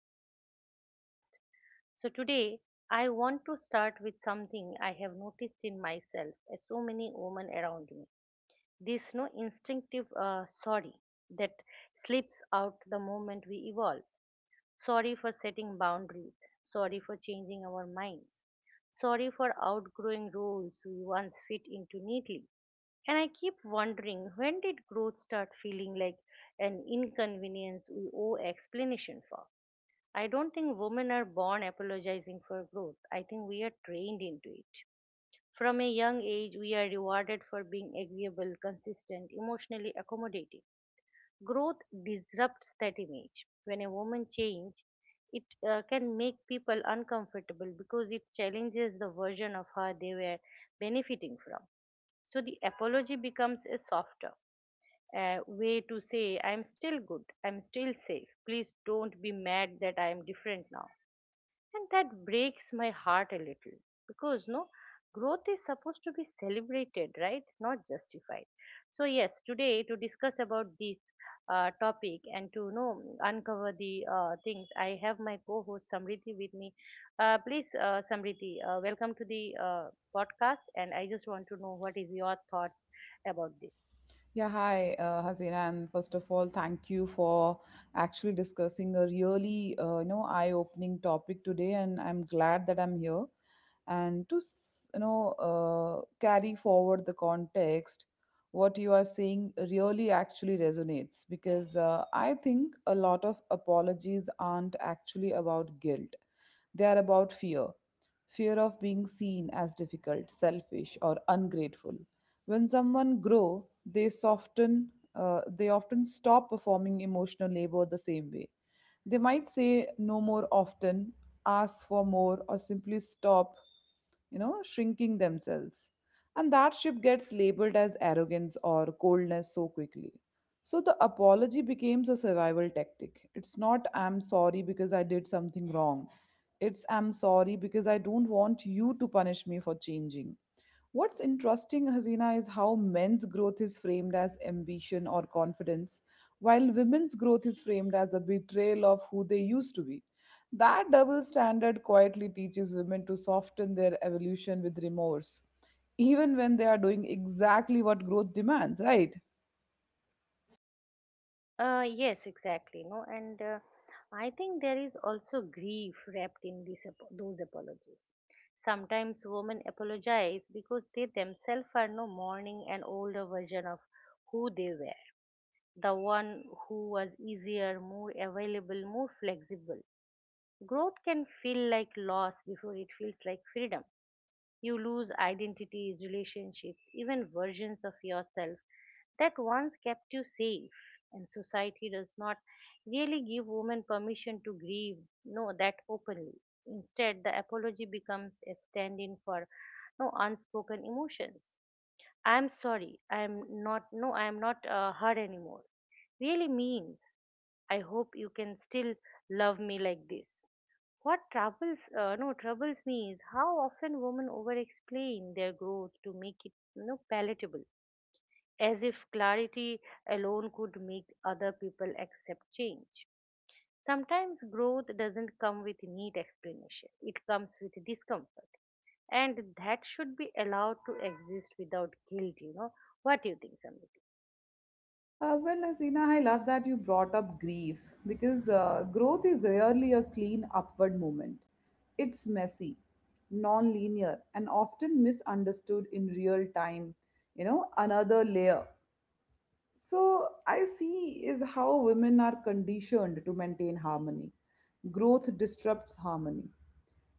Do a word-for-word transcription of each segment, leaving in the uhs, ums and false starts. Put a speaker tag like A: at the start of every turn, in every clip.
A: episode of podcast. So, today I want to start with something I have noticed in myself as so many women around me. This no instinctive uh, sorry that slips out the moment we evolve. Sorry for setting boundaries. Sorry for changing our minds. Sorry for outgrowing roles we once fit into neatly, and I keep wondering, when did growth start feeling like an inconvenience we owe explanation for? I don't think women are born apologizing for growth. I think we are trained into it. From a young age, we are rewarded for being agreeable, consistent, emotionally accommodating. Growth disrupts that image. When a woman changes, it uh, can make people uncomfortable because it challenges the version of her they were benefiting from. So the apology becomes a softer uh, way to say, I'm still good, I'm still safe. Please don't be mad that I am different now. And that breaks my heart a little because no, growth is supposed to be celebrated, right? Not justified. So, yes, today, to discuss about this uh, topic and to you know uncover the uh, things, I have my co host Samriti with me. Uh, please, uh, Samriti, uh, welcome to the uh, podcast. And I just want to know what is your thoughts about this.
B: Yeah, hi, uh, Hazina, and first of all, thank you for actually discussing a really, uh, you know, eye-opening topic today, and I'm glad that I'm here and to, s- you know, uh, carry forward the context. What you are saying really actually resonates because uh, I think a lot of apologies aren't actually about guilt; they are about fear, fear of being seen as difficult, selfish, or ungrateful when someone grow, they soften. Uh, they often stop performing emotional labor the same way. They might say no more often, ask for more, or simply stop. You know, shrinking themselves, and that shift gets labeled as arrogance or coldness so quickly. So the apology becomes a survival tactic. It's not I'm sorry because I did something wrong. It's I'm sorry because I don't want you to punish me for changing. What's interesting, Hasina, is how men's growth is framed as ambition or confidence, while women's growth is framed as a betrayal of who they used to be. That double standard quietly teaches women to soften their evolution with remorse, even when they are doing exactly what growth demands, right?
A: Uh, yes, exactly. No, and uh, I think there is also grief wrapped in these apo- those apologies. Sometimes women apologize because they themselves are no mourning an older version of who they were, the one who was easier, more available, more flexible. Growth can feel like loss before it feels like freedom. You lose identities, relationships, even versions of yourself that once kept you safe. And society does not really give women permission to grieve, no, that openly. Instead, the apology becomes a stand in for no unspoken emotions. I'm sorry, I'm not, no, I'm not uh, hurt anymore. Really means, I hope you can still love me like this. What troubles uh, no troubles me is how often women over-explain their growth to make it you know, palatable, as if clarity alone could make other people accept change. Sometimes growth doesn't come with neat explanation; it comes with discomfort, and that should be allowed to exist without guilt. You know, what do you think, Samriti?
B: Uh, well, Asina, I love that you brought up grief because uh, growth is rarely a clean upward movement. It's messy, non linear, and often misunderstood in real time, you know, another layer. So, I see is how women are conditioned to maintain harmony. Growth disrupts harmony.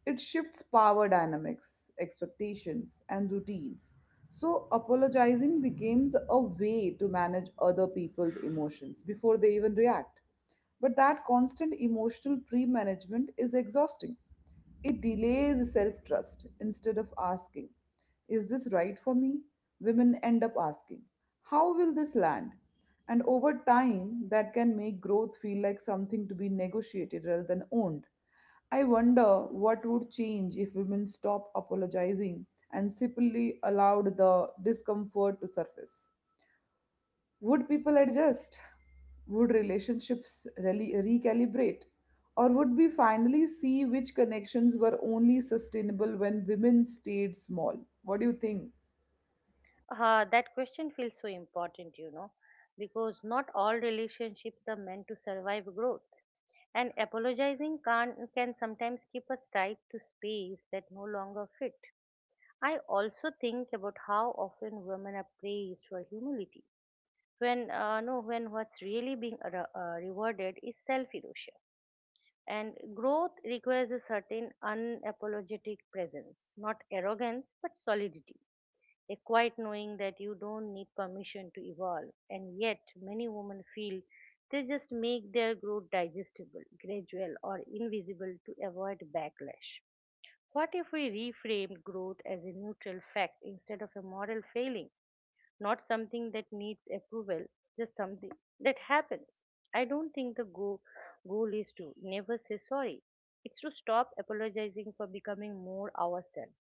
B: It shifts power dynamics, expectations, and routines. So, apologizing becomes a way to manage other people's emotions before they even react. But that constant emotional pre management is exhausting. It delays self trust instead of asking, is this right for me? Women end up asking, how will this land? And over time, that can make growth feel like something to be negotiated rather than owned. I wonder what would change if women stopped apologizing and simply allowed the discomfort to surface. Would people adjust? Would relationships really recalibrate? Or would we finally see which connections were only sustainable when women stayed small? What do you think?
A: Uh, that question feels so important, you know, because not all relationships are meant to survive growth. And apologizing can, can sometimes keep us tied to space that no longer fit. I also think about how often women are praised for humility, when uh, no, when what's really being re- uh, rewarded is self-erosion. And growth requires a certain unapologetic presence, not arrogance but solidity, a quiet knowing that you don't need permission to evolve. And yet, many women feel they just make their growth digestible, gradual, or invisible to avoid backlash. What if we reframed growth as a neutral fact instead of a moral failing? Not something that needs approval, just something that happens. I don't think the go- goal is to never say sorry. It's to stop apologizing for becoming more ourselves,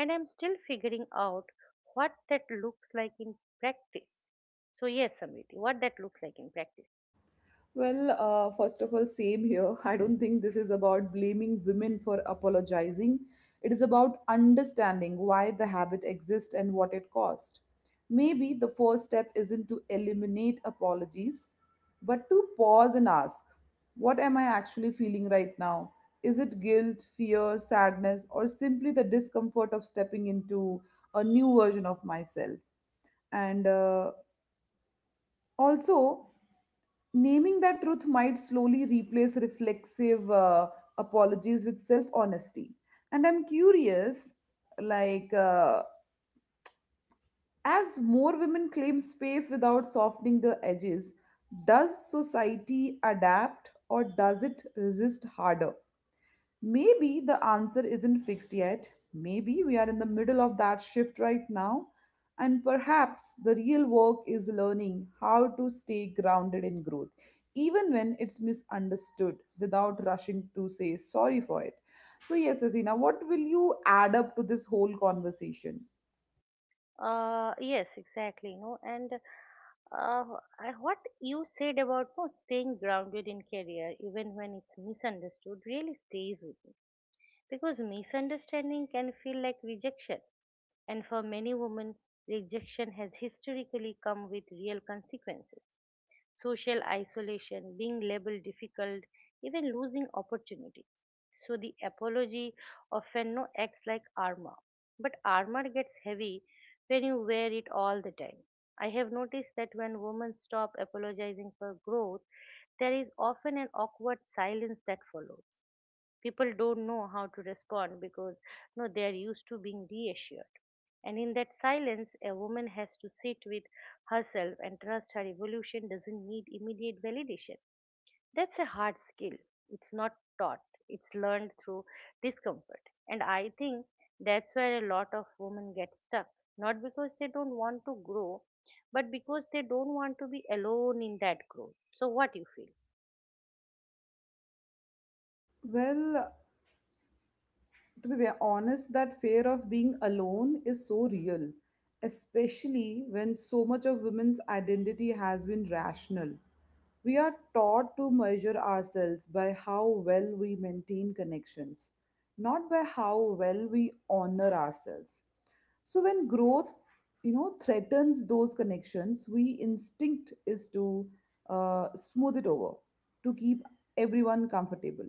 A: and I'm still figuring out what that looks like in practice. So yes, Samriti, what that looks like in practice.
B: Well, uh, first of all, same here. I don't think this is about blaming women for apologizing. It is about understanding why the habit exists and what it cost. Maybe the first step isn't to eliminate apologies, but to pause and ask, what am I actually feeling right now? Is it guilt, fear, sadness, or simply the discomfort of stepping into a new version of myself? And uh, also Naming that truth might slowly replace reflexive uh, apologies with self honesty. And I'm curious, like, uh, as more women claim space without softening the edges, does society adapt or does it resist harder? Maybe the answer isn't fixed yet. Maybe we are in the middle of that shift right now. And perhaps the real work is learning how to stay grounded in growth, even when it's misunderstood, without rushing to say sorry for it. So, yes, Asina, what will you add up to this whole conversation?
A: Uh, yes, exactly. You know, and uh, I- what you said about no, staying grounded in career, even when it's misunderstood, really stays with me, because misunderstanding can feel like rejection, and for many women, rejection has historically come with real consequences. Social isolation, being labeled difficult, even losing opportunities. So the apology often no acts like armor, but armor gets heavy when you wear it all the time. I have noticed that when women stop apologizing for growth, there is often an awkward silence that follows. People don't know how to respond because no they are used to being reassured, and in that silence a woman has to sit with herself and trust her evolution doesn't need immediate validation. That's a hard skill. It's not taught, it's learned through discomfort, and I think that's where a lot of women get stuck, not because they don't want to grow, but because they don't want to be alone in that growth. So what you feel?
B: Well, to be honest, that fear of being alone is so real, especially when so much of women's identity has been rational. We are taught to measure ourselves by how well we maintain connections, not by how well we honor ourselves. So when growth, you know, threatens those connections, we instinct is to uh, smooth it over, to keep everyone comfortable.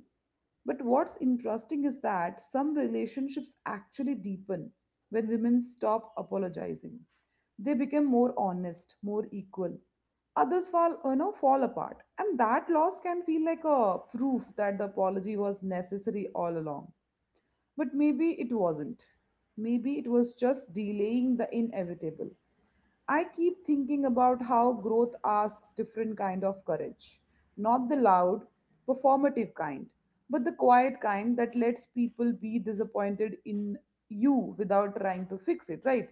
B: But what's interesting is that some relationships actually deepen when women stop apologizing. They become more honest, more equal. Others fall, you know, fall apart, and that loss can feel like a proof that the apology was necessary all along. But maybe it wasn't. Maybe it was just delaying the inevitable. I keep thinking about how growth asks different kind of courage, not the loud, performative kind, but the quiet kind that lets people be disappointed in you without trying to fix it, right?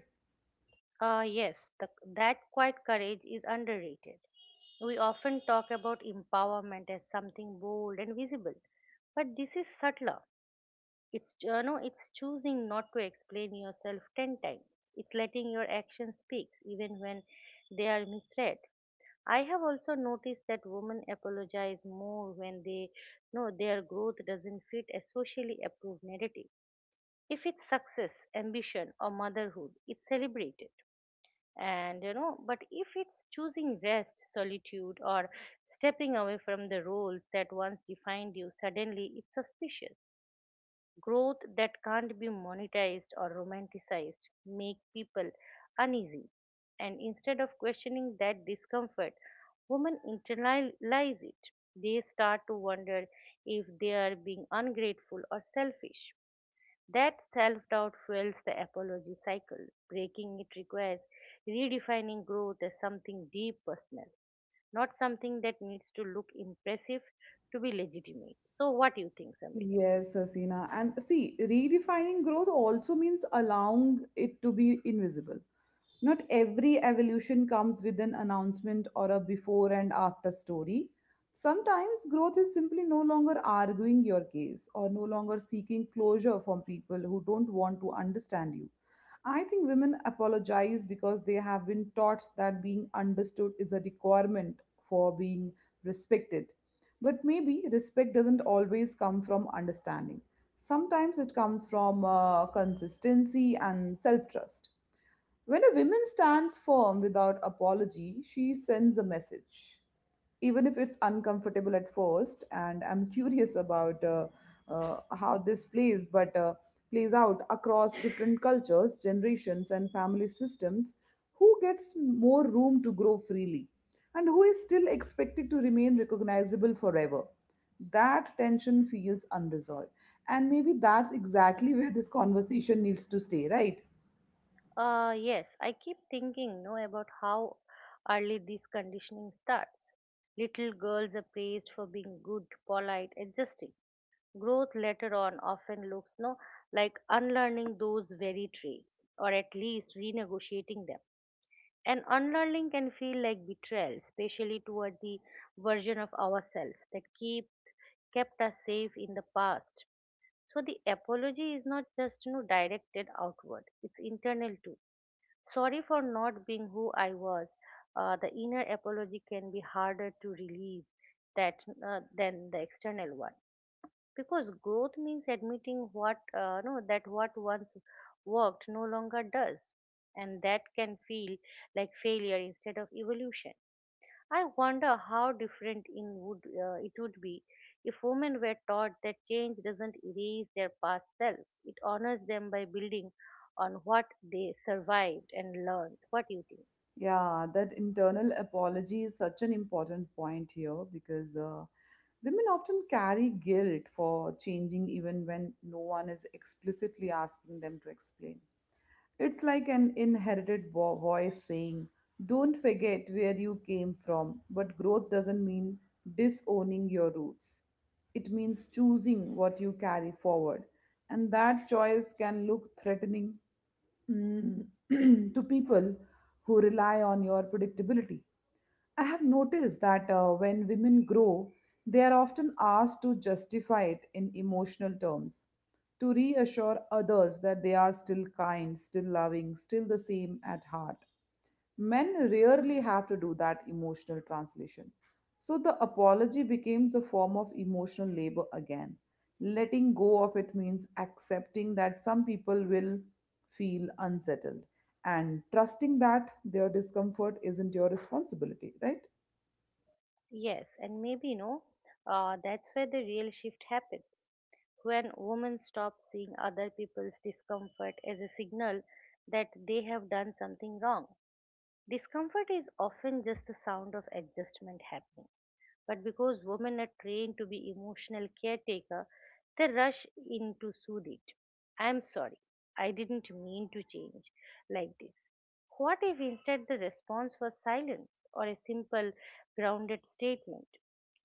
A: Uh, yes, the, that quiet courage is underrated. We often talk about empowerment as something bold and visible, but this is subtler. It's you know, it's choosing not to explain yourself ten times. It's letting your actions speak, even when they are misread. I have also noticed that women apologize more when they know their growth doesn't fit a socially approved narrative. If it's success, ambition, or motherhood, it's celebrated, and you know but if it's choosing rest, solitude, or stepping away from the roles that once defined you, suddenly it's suspicious. Growth that can't be monetized or romanticized make people uneasy, and instead of questioning that discomfort, women internalize it. They start to wonder if they are being ungrateful or selfish. That self doubt fuels the apology cycle. Breaking it requires redefining growth as something deep personal, not something that needs to look impressive to be legitimate. So, what do you think, Samriti?
B: Yes, Hasina. And see, redefining growth also means allowing it to be invisible. Not every evolution comes with an announcement or a before and after story. Sometimes growth is simply no longer arguing your case or no longer seeking closure from people who don't want to understand you. I think women apologize because they have been taught that being understood is a requirement for being respected. But maybe respect doesn't always come from understanding. Sometimes it comes from uh, consistency and self trust. When a woman stands firm without apology, she sends a message, even if it's uncomfortable at first. And I'm curious about uh, uh, how this plays, but uh, plays out across different cultures, generations, and family systems. Who gets more room to grow freely, and who is still expected to remain recognizable forever? That tension feels unresolved, and maybe that's exactly where this conversation needs to stay, right?
A: Uh, yes, I keep thinking no about how early this conditioning starts. Little girls are praised for being good, polite, adjusting. Growth later on often looks no like unlearning those very traits, or at least renegotiating them. And unlearning can feel like betrayal, especially toward the version of ourselves that keep kept us safe in the past. So the apology is not just, you know, directed outward; it's internal too. Sorry for not being who I was. Uh, the inner apology can be harder to release that uh, than the external one, because growth means admitting what uh, no that what once worked no longer does, and that can feel like failure instead of evolution. I wonder how different in would uh, it would be if women were taught that change doesn't erase their past selves, it honors them by building on what they survived and learned. What do you think?
B: Yeah, that internal apology is such an important point here because uh, women often carry guilt for changing even when no one is explicitly asking them to explain. It's like an inherited vo- voice saying, don't forget where you came from, but growth doesn't mean disowning your roots. It means choosing what you carry forward, and that choice can look threatening mm, to people who rely on your predictability. I have noticed that uh, when women grow, they are often asked to justify it in emotional terms, to reassure others that they are still kind, still loving, still the same at heart. Men rarely have to do that emotional translation. So the apology becomes a form of emotional labor again. Letting go of it means accepting that some people will feel unsettled and trusting that their discomfort isn't your responsibility, right?
A: Yes, and maybe, you know, uh, that's where the real shift happens. When women stop seeing other people's discomfort as a signal that they have done something wrong. Discomfort is often just the sound of adjustment happening. But because women are trained to be emotional caretaker, they rush in to soothe it. I'm sorry, I didn't mean to change like this. What if instead the response was silence or a simple, grounded statement?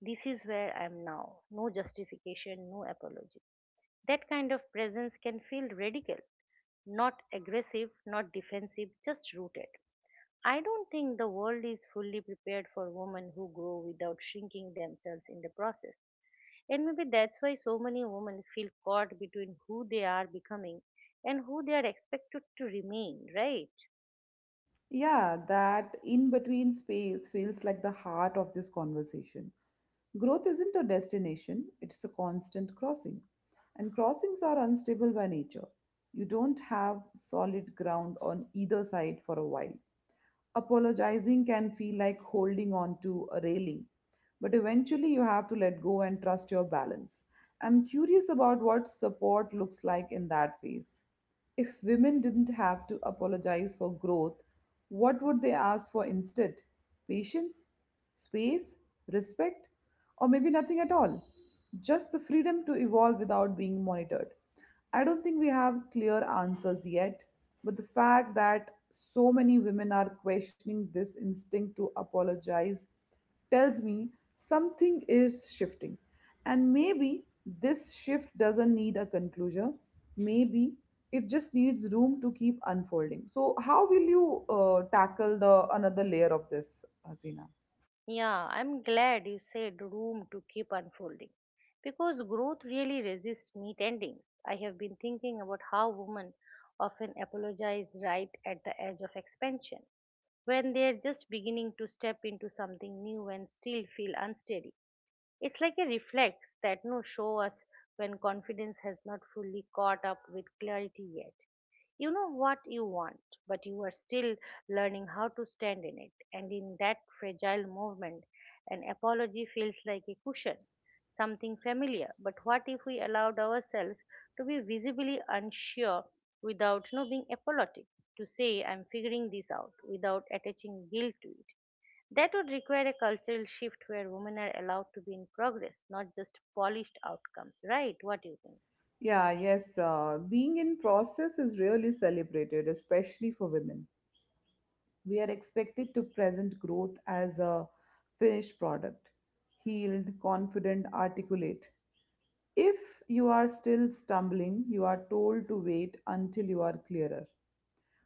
A: This is where I am now. No justification, no apology. That kind of presence can feel radical, not aggressive, not defensive, just rooted. I don't think the world is fully prepared for women who grow without shrinking themselves in the process. And maybe that's why so many women feel caught between who they are becoming and who they are expected to remain, right?
B: Yeah, that in between space feels like the heart of this conversation. Growth isn't a destination, it's a constant crossing. And crossings are unstable by nature. You don't have solid ground on either side for a while. Apologizing can feel like holding on to a railing, but eventually you have to let go and trust your balance. I'm curious about what support looks like in that phase. If women didn't have to apologize for growth, what would they ask for instead? Patience, space, respect, or maybe nothing at all? Just the freedom to evolve without being monitored. I don't think we have clear answers yet, but the fact that so many women are questioning this instinct to apologize tells me something is shifting. And maybe this shift doesn't need a conclusion. Maybe it just needs room to keep unfolding. So, how will you uh, tackle the another layer of this, Hasina?
A: Yeah, I'm glad you said room to keep unfolding. Because growth really resists neat endings. I have been thinking about how women often apologize right at the edge of expansion, when they are just beginning to step into something new and still feel unsteady. It's like a reflex that no show us when confidence has not fully caught up with clarity yet. You know what you want, but you are still learning how to stand in it. And in that fragile movement, an apology feels like a cushion, something familiar. But what if we allowed ourselves to be visibly unsure without no being apologetic, to say, I'm figuring this out, without attaching guilt to it? That would require a cultural shift where women are allowed to be in progress, not just polished outcomes, right? What do you think?
B: Yeah, yes. Uh, being in process is really celebrated, especially for women. We are expected to present growth as a finished product, healed, confident, articulate. If you are still stumbling, you are told to wait until you are clearer.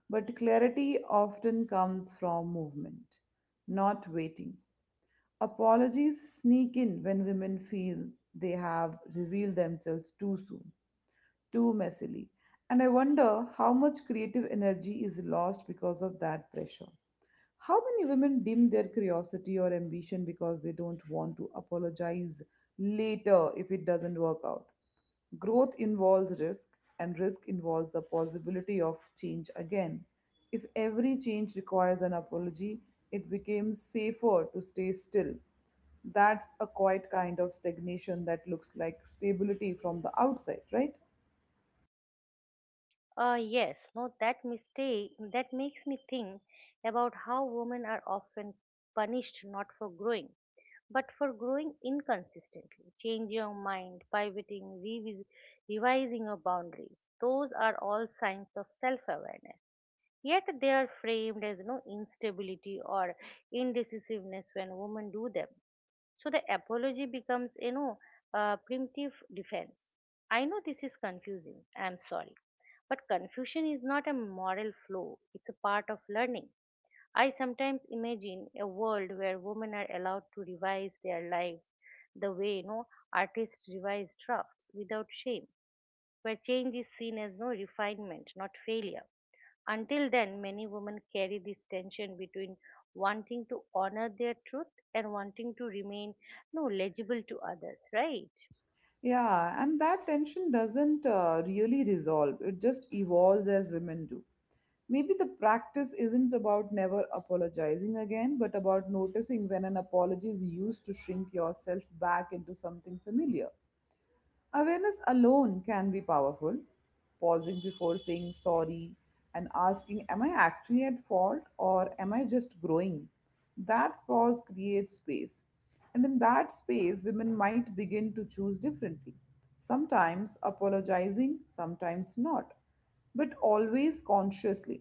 B: But clarity often comes from movement, not waiting. Apologies sneak in when women feel they have revealed themselves too soon, too messily. And I wonder how much creative energy is lost because of that pressure. How many women dim their curiosity or ambition because they don't want to apologize later if it doesn't work out? Growth involves risk, and risk involves the possibility of change again. If every change requires an apology, it becomes safer to stay still. That's a quiet kind of stagnation that looks like stability from the outside, right?
A: Uh, yes, no, that mistake that makes me think about how women are often punished not for growing, but for growing inconsistently, changing your mind, pivoting, revis- revising your boundaries. Those are all signs of self awareness. Yet they are framed as no instability or indecisiveness when women do them. So the apology becomes, you know, a primitive defense. I know this is confusing. I'm sorry. But confusion is not a moral flaw, it's a part of learning. I sometimes imagine a world where women are allowed to revise their lives the way, you know, artists revise drafts without shame, where change is seen as no refinement, not failure. Until then, many women carry this tension between wanting to honor their truth and wanting to remain no legible to others, right?
B: Yeah, and that tension doesn't uh, really resolve, it just evolves as women do. Maybe the practice isn't about never apologizing again, but about noticing when an apology is used to shrink yourself back into something familiar. Awareness alone can be powerful. Pausing before saying sorry and asking, am I actually at fault or am I just growing? That pause creates space. And in that space, women might begin to choose differently. Sometimes apologizing, sometimes not, but always consciously.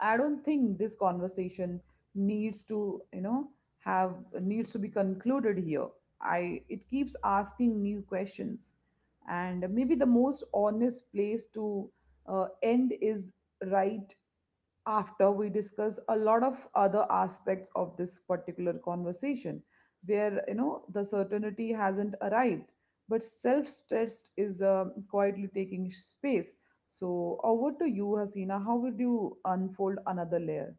B: I don't think this conversation needs to, you know, have needs to be concluded here. I it keeps asking new questions, and maybe the most honest place to uh, end is right after we discuss a lot of other aspects of this particular conversation, where you know the certainty hasn't arrived, but self-stressed is uh, quietly taking space. So over to you, Hasina. How would you unfold another layer?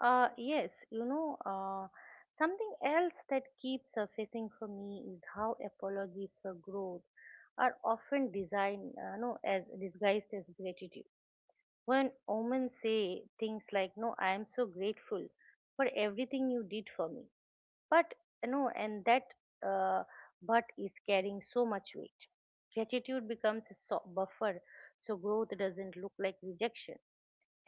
A: Uh, yes, you know, uh, something else that keeps surfacing for me is how apologies for growth are often designed, uh, no, as disguised as gratitude. When women say things like, "No, I am so grateful for everything you did for me," but, you know, and that uh, but is carrying so much weight. Gratitude becomes a so- buffer so growth doesn't look like rejection.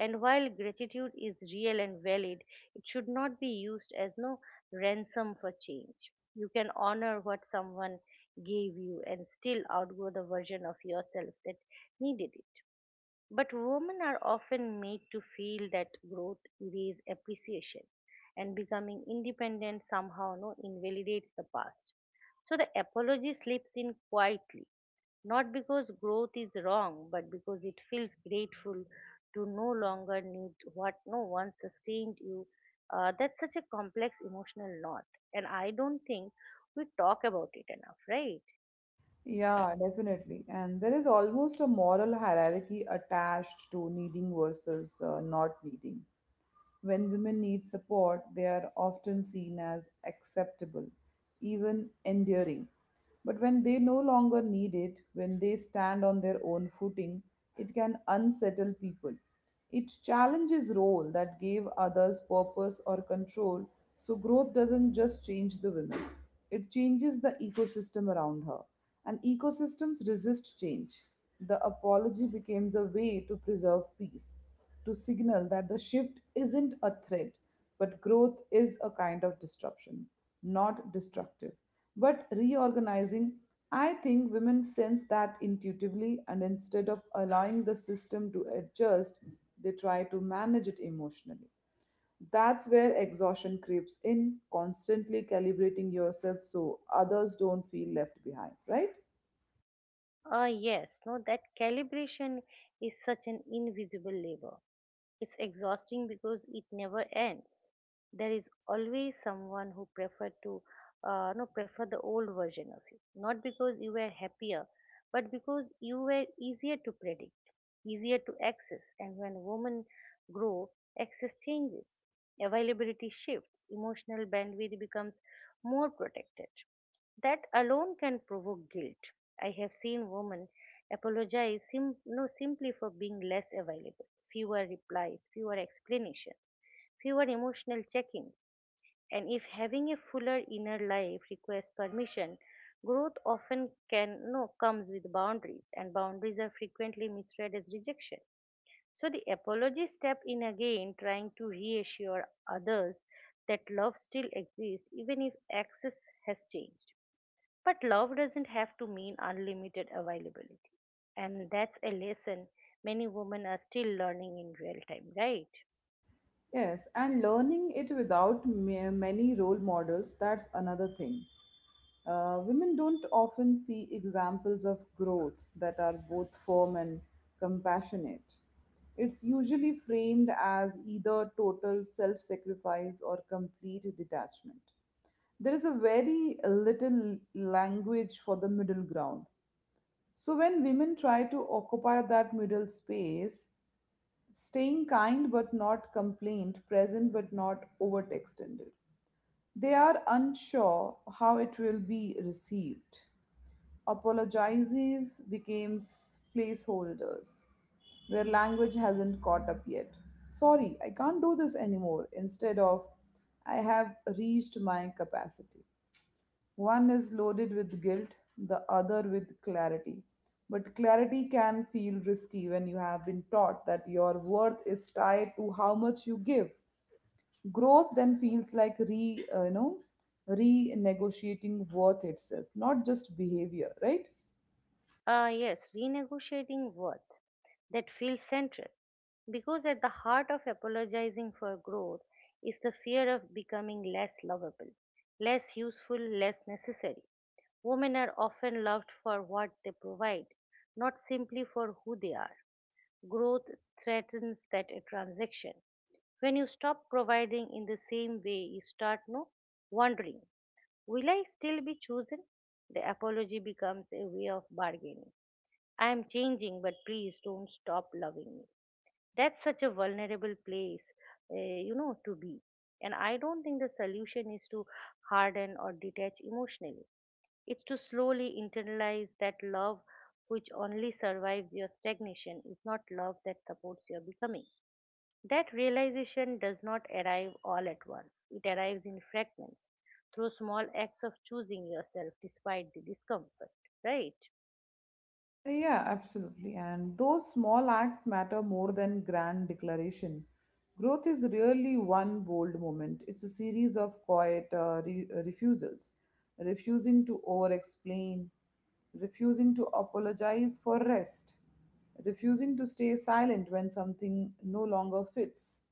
A: And while gratitude is real and valid, it should not be used as no ransom for change. You can honor what someone gave you and still outgrow the version of yourself that needed it. But women are often made to feel that growth erases appreciation and becoming independent somehow no invalidates the past. So the apology slips in quietly, not because growth is wrong, but because it feels grateful to no longer need what no one sustained you. Uh, that's such a complex emotional knot, and I don't think we talk about it enough, right?
B: Yeah, definitely. And there is almost a moral hierarchy attached to needing versus uh, not needing. When women need support, they are often seen as acceptable, even endearing. But when they no longer need it, when they stand on their own footing, it can unsettle people. It challenges role that gave others purpose or control, so growth doesn't just change the women. It changes the ecosystem around her. And ecosystems resist change. The apology becomes a way to preserve peace to signal that the shift isn't a threat, but growth is a kind of disruption, not destructive, but reorganizing. I think women sense that intuitively, and instead of allowing the system to adjust, they try to manage it emotionally. That's where exhaustion creeps in, constantly calibrating yourself so others don't feel left behind, right?
A: Uh, yes, no, that calibration is such an invisible labor. It's exhausting because it never ends. There is always someone who prefer to uh, no prefer the old version of you, not because you were happier, but because you were easier to predict, easier to access. And when women grow, access changes, availability shifts, emotional bandwidth becomes more protected. That alone can provoke guilt. I have seen women apologize sim- no, simply for being less available, fewer replies, fewer explanations, fewer emotional check ins. And if having a fuller inner life requires permission, growth often can no comes with boundaries, and boundaries are frequently misread as rejection. So the apology step in again, trying to reassure others that love still exists even if access has changed. But love doesn't have to mean unlimited availability. And that's a lesson many women are still learning in real time, right?
B: Yes, and learning it without ma- many role models, that's another thing. Uh, women don't often see examples of growth that are both firm and compassionate. It's usually framed as either total self sacrifice or complete detachment. There is a very little language for the middle ground. So, when women try to occupy that middle space, staying kind but not complaint, present but not overextended, they are unsure how it will be received. Apologizes becomes placeholders where language hasn't caught up yet. Sorry, I can't do this anymore. Instead of, I have reached my capacity. One is loaded with guilt, the other with clarity. But clarity can feel risky when you have been taught that your worth is tied to how much you give. Growth then feels like re, uh, you know, renegotiating worth itself, not just behavior, right?
A: Ah, yes, renegotiating worth, that feels central. Because at the heart of apologizing for growth is the fear of becoming less lovable, less useful, less necessary. Women are often loved for what they provide, not simply for who they are. Growth threatens that a transaction. When you stop providing in the same way, you start no wondering, will I still be chosen? The apology becomes a way of bargaining. I am changing, but please don't stop loving me. That's such a vulnerable place, uh, you know, to be. And I don't think the solution is to harden or detach emotionally. It's to slowly internalize that love which only survives your stagnation is not love that supports your becoming. That realization does not arrive all at once, it arrives in fragments through small acts of choosing yourself despite the discomfort, right?
B: Uh, Yeah, absolutely. And those small acts matter more than grand declaration. Growth is really one bold moment. It's a series of quiet uh, re- uh, refusals, refusing to over-explain, refusing to apologize for rest, refusing to stay silent when something no longer fits.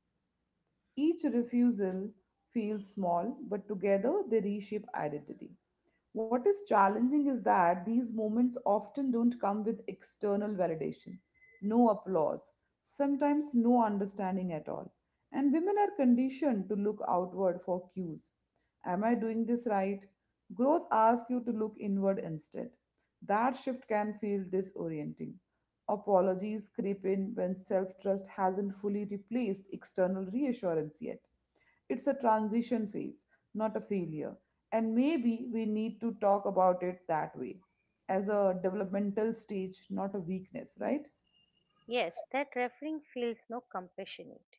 B: Each refusal feels small, but together they reshape identity. What is challenging is that these moments often don't come with external validation, no applause, sometimes no understanding at all. And women are conditioned to look outward for cues. Am I doing this right? Growth asks you to look inward instead. That shift can feel disorienting. Apologies creep in when self trust hasn't fully replaced external reassurance yet. It's a transition phase, not a failure. And maybe we need to talk about it that way as a developmental stage, not a weakness, right?
A: Yes, that referring feels no compassionate.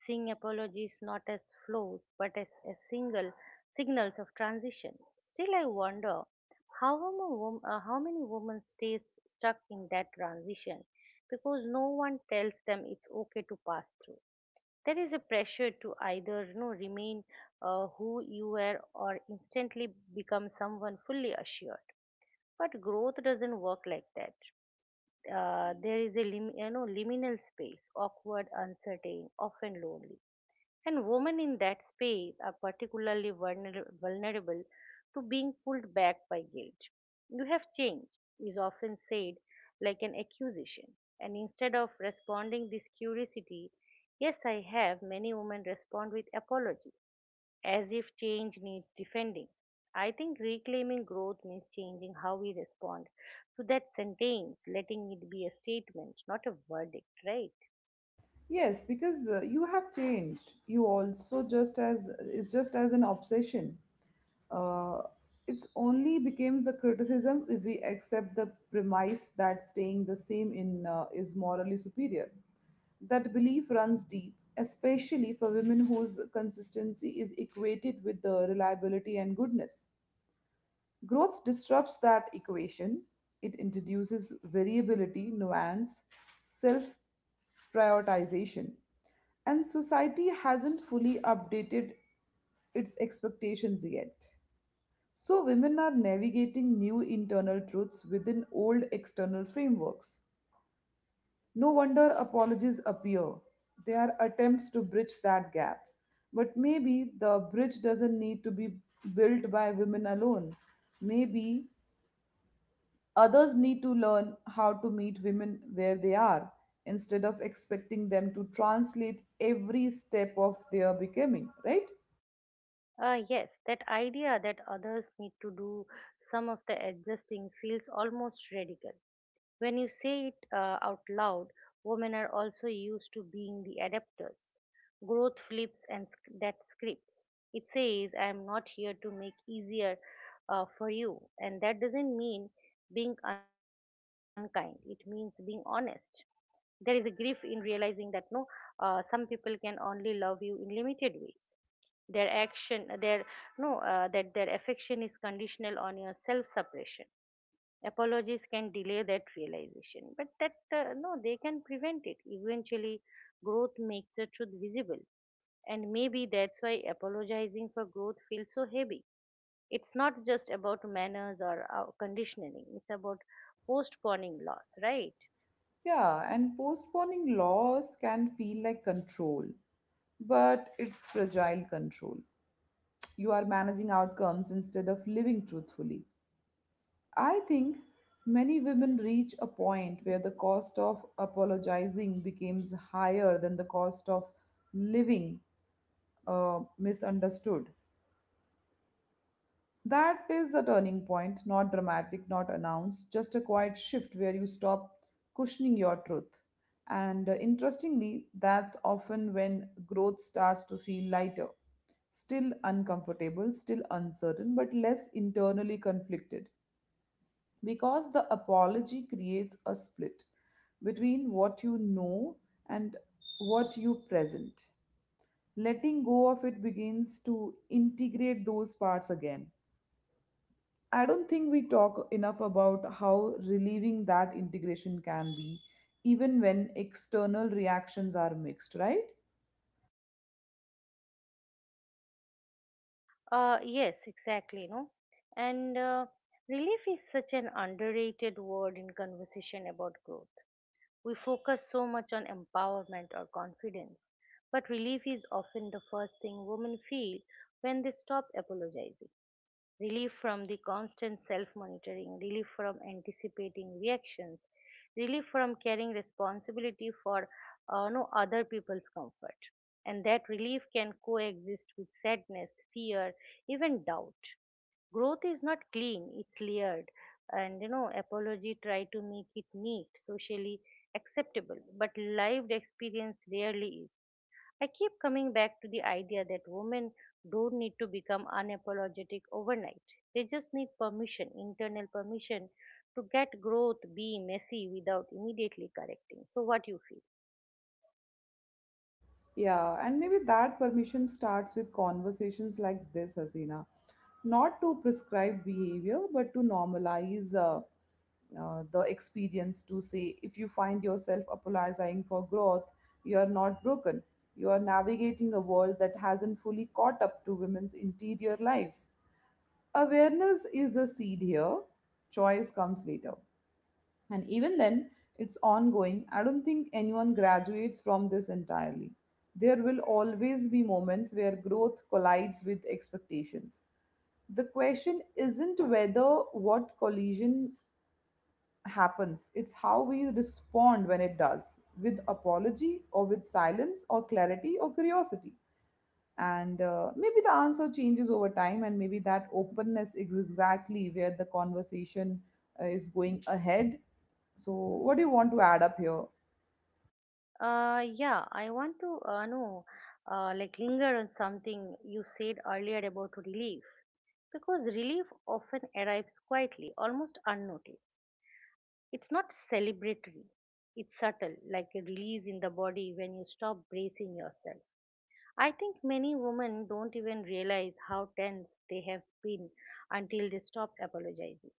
A: Seeing apologies not as flaws but as, as single signals of transition. Still, I wonder how, a wom- uh, how many women stays stuck in that transition because no one tells them it's okay to pass through. There is a pressure to either you know, remain uh, who you were or instantly become someone fully assured. But growth doesn't work like that. Uh, there is a lim- you know liminal space, awkward, uncertain, often lonely, and women in that space are particularly vulner- vulnerable to being pulled back by guilt. "You have changed" is often said like an accusation. And instead of responding this curiosity, yes, I have, many women respond with apology, as if change needs defending. I think reclaiming growth means changing how we respond to that sentence, letting it be a statement, not a verdict, right?
B: Yes, because uh, you have changed. You also just as it's just as an obsession. Uh, it's only becomes a criticism if we accept the premise that staying the same in uh, is morally superior. That belief runs deep, especially for women whose consistency is equated with the reliability and goodness. Growth disrupts that equation. It introduces variability, nuance, self prioritization, and society hasn't fully updated its expectations yet. So, women are navigating new internal truths within old external frameworks. No wonder apologies appear. They are attempts to bridge that gap. But maybe the bridge doesn't need to be built by women alone. Maybe others need to learn how to meet women where they are instead of expecting them to translate every step of their becoming, right?
A: Uh, yes, that idea that others need to do some of the adjusting feels almost radical. When you say it uh, out loud, women are also used to being the adapters. Growth flips and sc- that scripts. It says, I am not here to make easier uh, for you. And that doesn't mean being unkind, it means being honest. There is a grief in realizing that no, uh, some people can only love you in limited ways, their action, their no uh, that their affection is conditional on your self suppression. Apologies can delay that realization, but that uh, no they can prevent it eventually. Growth makes the truth visible, and maybe that's why apologizing for growth feels so heavy. It's not just about manners or uh, conditioning, it's about postponing loss, right?
B: Yeah, and postponing loss can feel like control, but it's fragile control. You are managing outcomes instead of living truthfully. I think many women reach a point where the cost of apologizing becomes higher than the cost of living uh, misunderstood. That is a turning point, not dramatic, not announced, just a quiet shift where you stop cushioning your truth. And uh, interestingly, that's often when growth starts to feel lighter, still uncomfortable, still uncertain, but less internally conflicted. Because the apology creates a split between what you know and what you present. Letting go of it begins to integrate those parts again. I don't think we talk enough about how relieving that integration can be, even when external reactions are mixed, right?
A: Uh yes exactly no and uh, Relief is such an underrated word in conversation about growth. We focus so much on empowerment or confidence, but relief is often the first thing women feel when they stop apologizing. Relief from the constant self monitoring, relief from anticipating reactions, relief from carrying responsibility for uh, no other people's comfort. And that relief can coexist with sadness, fear, even doubt. Growth is not clean, it's layered, and you know apology try to make it neat, socially acceptable, but lived experience rarely is. I keep coming back to the idea that women don't need to become unapologetic overnight, they just need permission, internal permission, to get growth be messy without immediately correcting so what you feel.
B: Yeah, and maybe that permission starts with conversations like this, Hasina. Not to prescribe behavior, but to normalize uh, uh, the experience to say if you find yourself apologizing for growth, you are not broken. You are navigating a world that hasn't fully caught up to women's interior lives. Awareness is the seed here, choice comes later. And even then, it's ongoing. I don't think anyone graduates from this entirely. There will always be moments where growth collides with expectations. The question isn't whether what collision happens, it's how we respond when it does with apology, or with silence, or clarity, or curiosity, and uh, maybe the answer changes over time, and maybe that openness is exactly where the conversation uh, is going ahead. So what do you want to add up here?
A: Uh, yeah, I want to uh, know, uh, like, linger on something you said earlier about relief. Because relief often arrives quietly, almost unnoticed. It's not celebratory, it's subtle, like a release in the body when you stop bracing yourself. I think many women don't even realize how tense they have been until they stop apologizing.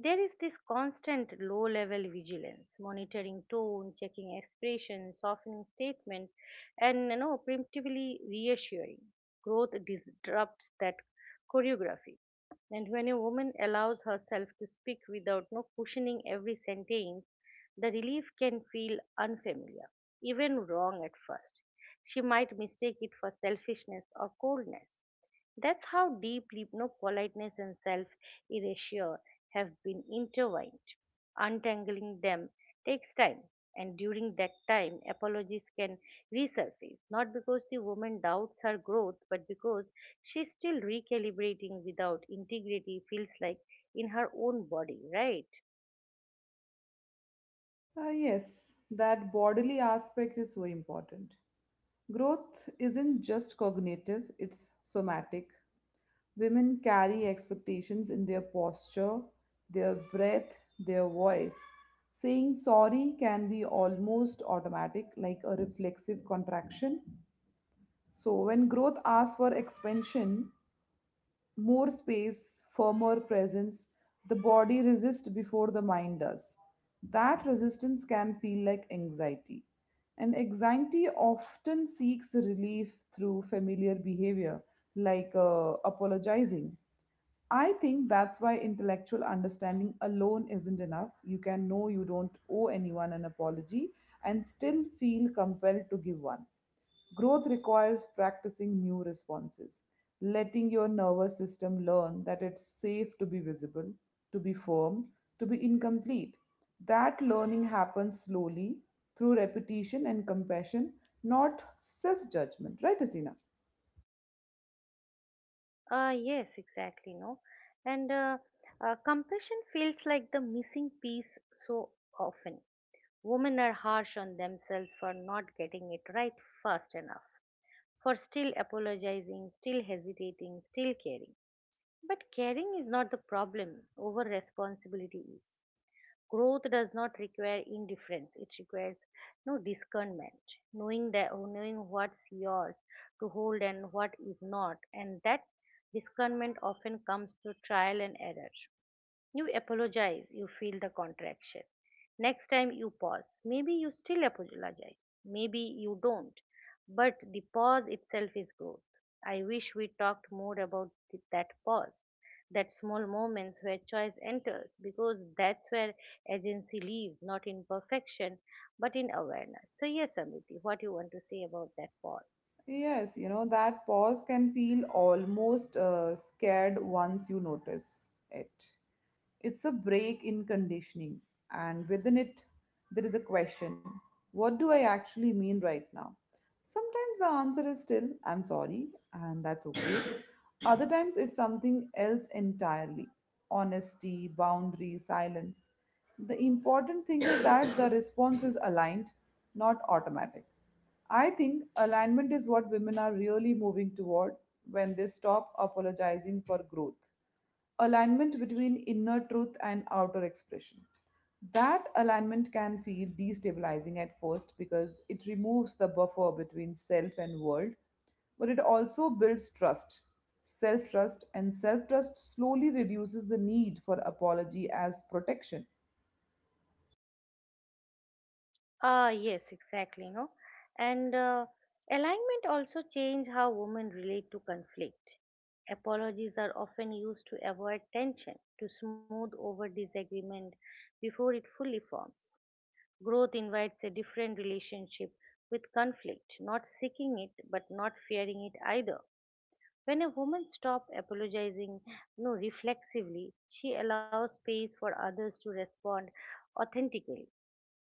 A: There is this constant low level vigilance, monitoring tone, checking expression, softening statement, and you know, preemptively reassuring. Growth disrupts that choreography. And when a woman allows herself to speak without no cushioning every sentence, the relief can feel unfamiliar, even wrong at first. She might mistake it for selfishness or coldness. That's how deeply no politeness and self erasure have been intertwined. Untangling them takes time, and during that time, apologies can resurface, not because the woman doubts her growth, but because she's still recalibrating without integrity, feels like in her own body, right?
B: Ah, yes, that bodily aspect is so important. Growth isn't just cognitive, it's somatic. Women carry expectations in their posture, their breath, their voice. Saying sorry can be almost automatic, like a reflexive contraction. So, when growth asks for expansion, more space, firmer presence, the body resists before the mind does. That resistance can feel like anxiety. And anxiety often seeks relief through familiar behavior, like uh, apologizing. I think that's why intellectual understanding alone isn't enough. You can know you don't owe anyone an apology and still feel compelled to give one. Growth requires practicing new responses, letting your nervous system learn that it's safe to be visible, to be firm, to be incomplete. That learning happens slowly through repetition and compassion, not self judgment, right, Asina?
A: Uh, yes, exactly, no. And uh, uh, Compassion feels like the missing piece so often. Women are harsh on themselves for not getting it right fast enough, for still apologizing, still hesitating, still caring. But caring is not the problem, over responsibility is. Growth does not require indifference, it requires no discernment, knowing that knowing what's yours to hold and what is not, and that discernment often comes through trial and error. You apologize, you feel the contraction. Next time you pause, maybe you still apologize, maybe you don't, but the pause itself is growth. I wish we talked more about th- that pause, that small moments where choice enters, because that's where agency lives, not in perfection, but in awareness. So, yes, Amriti, what you want to say about that pause?
B: Yes, you know, that pause can feel almost uh, scared once you notice it. It's a break in conditioning, and within it, there is a question. What do I actually mean right now? Sometimes the answer is still, I'm sorry, and that's okay. Other times it's something else entirely: honesty, boundary, silence. The important thing is that the response is aligned, not automatic. I think alignment is what women are really moving toward when they stop apologizing for growth. Alignment between inner truth and outer expression. That alignment can feel destabilizing at first because it removes the buffer between self and world, but it also builds trust, self trust, and self trust slowly reduces the need for apology as protection.
A: Ah yes, exactly, no. And uh, Alignment also change how women relate to conflict. Apologies are often used to avoid tension, to smooth over disagreement before it fully forms. Growth invites a different relationship with conflict, not seeking it but not fearing it either. When a woman stops apologizing no, reflexively, she allows space for others to respond authentically.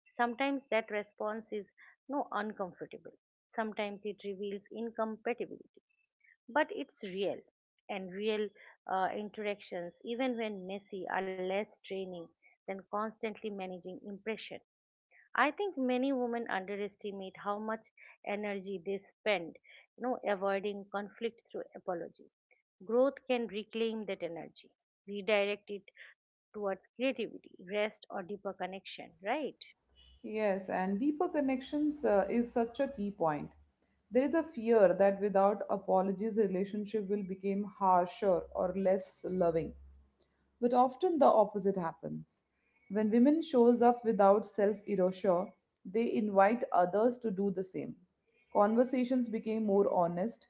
A: Sometimes that response is no uncomfortable. Sometimes it reveals incompatibility. But it's real, and real uh, interactions, even when messy, are less draining than constantly managing impression. I think many women underestimate how much energy they spend, you know, avoiding conflict through apology. Growth can reclaim that energy, redirect it towards creativity, rest, or deeper connection. Right?
B: Yes, and deeper connections uh, is such a key point. There is a fear that without apologies, the relationship will become harsher or less loving. But often the opposite happens. When women shows up without self-erasure, they invite others to do the same. Conversations became more honest,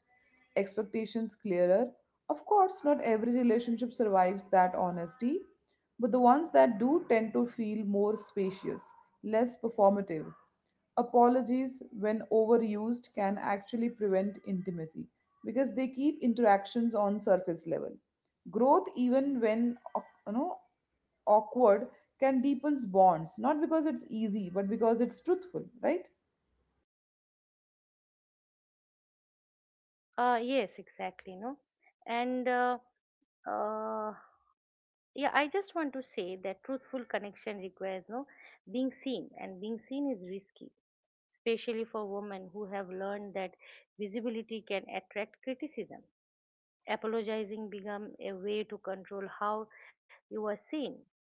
B: expectations clearer. Of course, not every relationship survives that honesty, but the ones that do tend to feel more spacious, less performative. Apologies, when overused, can actually prevent intimacy because they keep interactions on surface level. Growth, even when au- you know awkward, can deepens bonds not because it's easy but because it's truthful, right?
A: Uh, yes, exactly, no. And uh, uh, yeah, I just want to say that truthful connection requires no being seen, and being seen is risky, especially for women who have learned that visibility can attract criticism. Apologizing become a way to control how you are seen.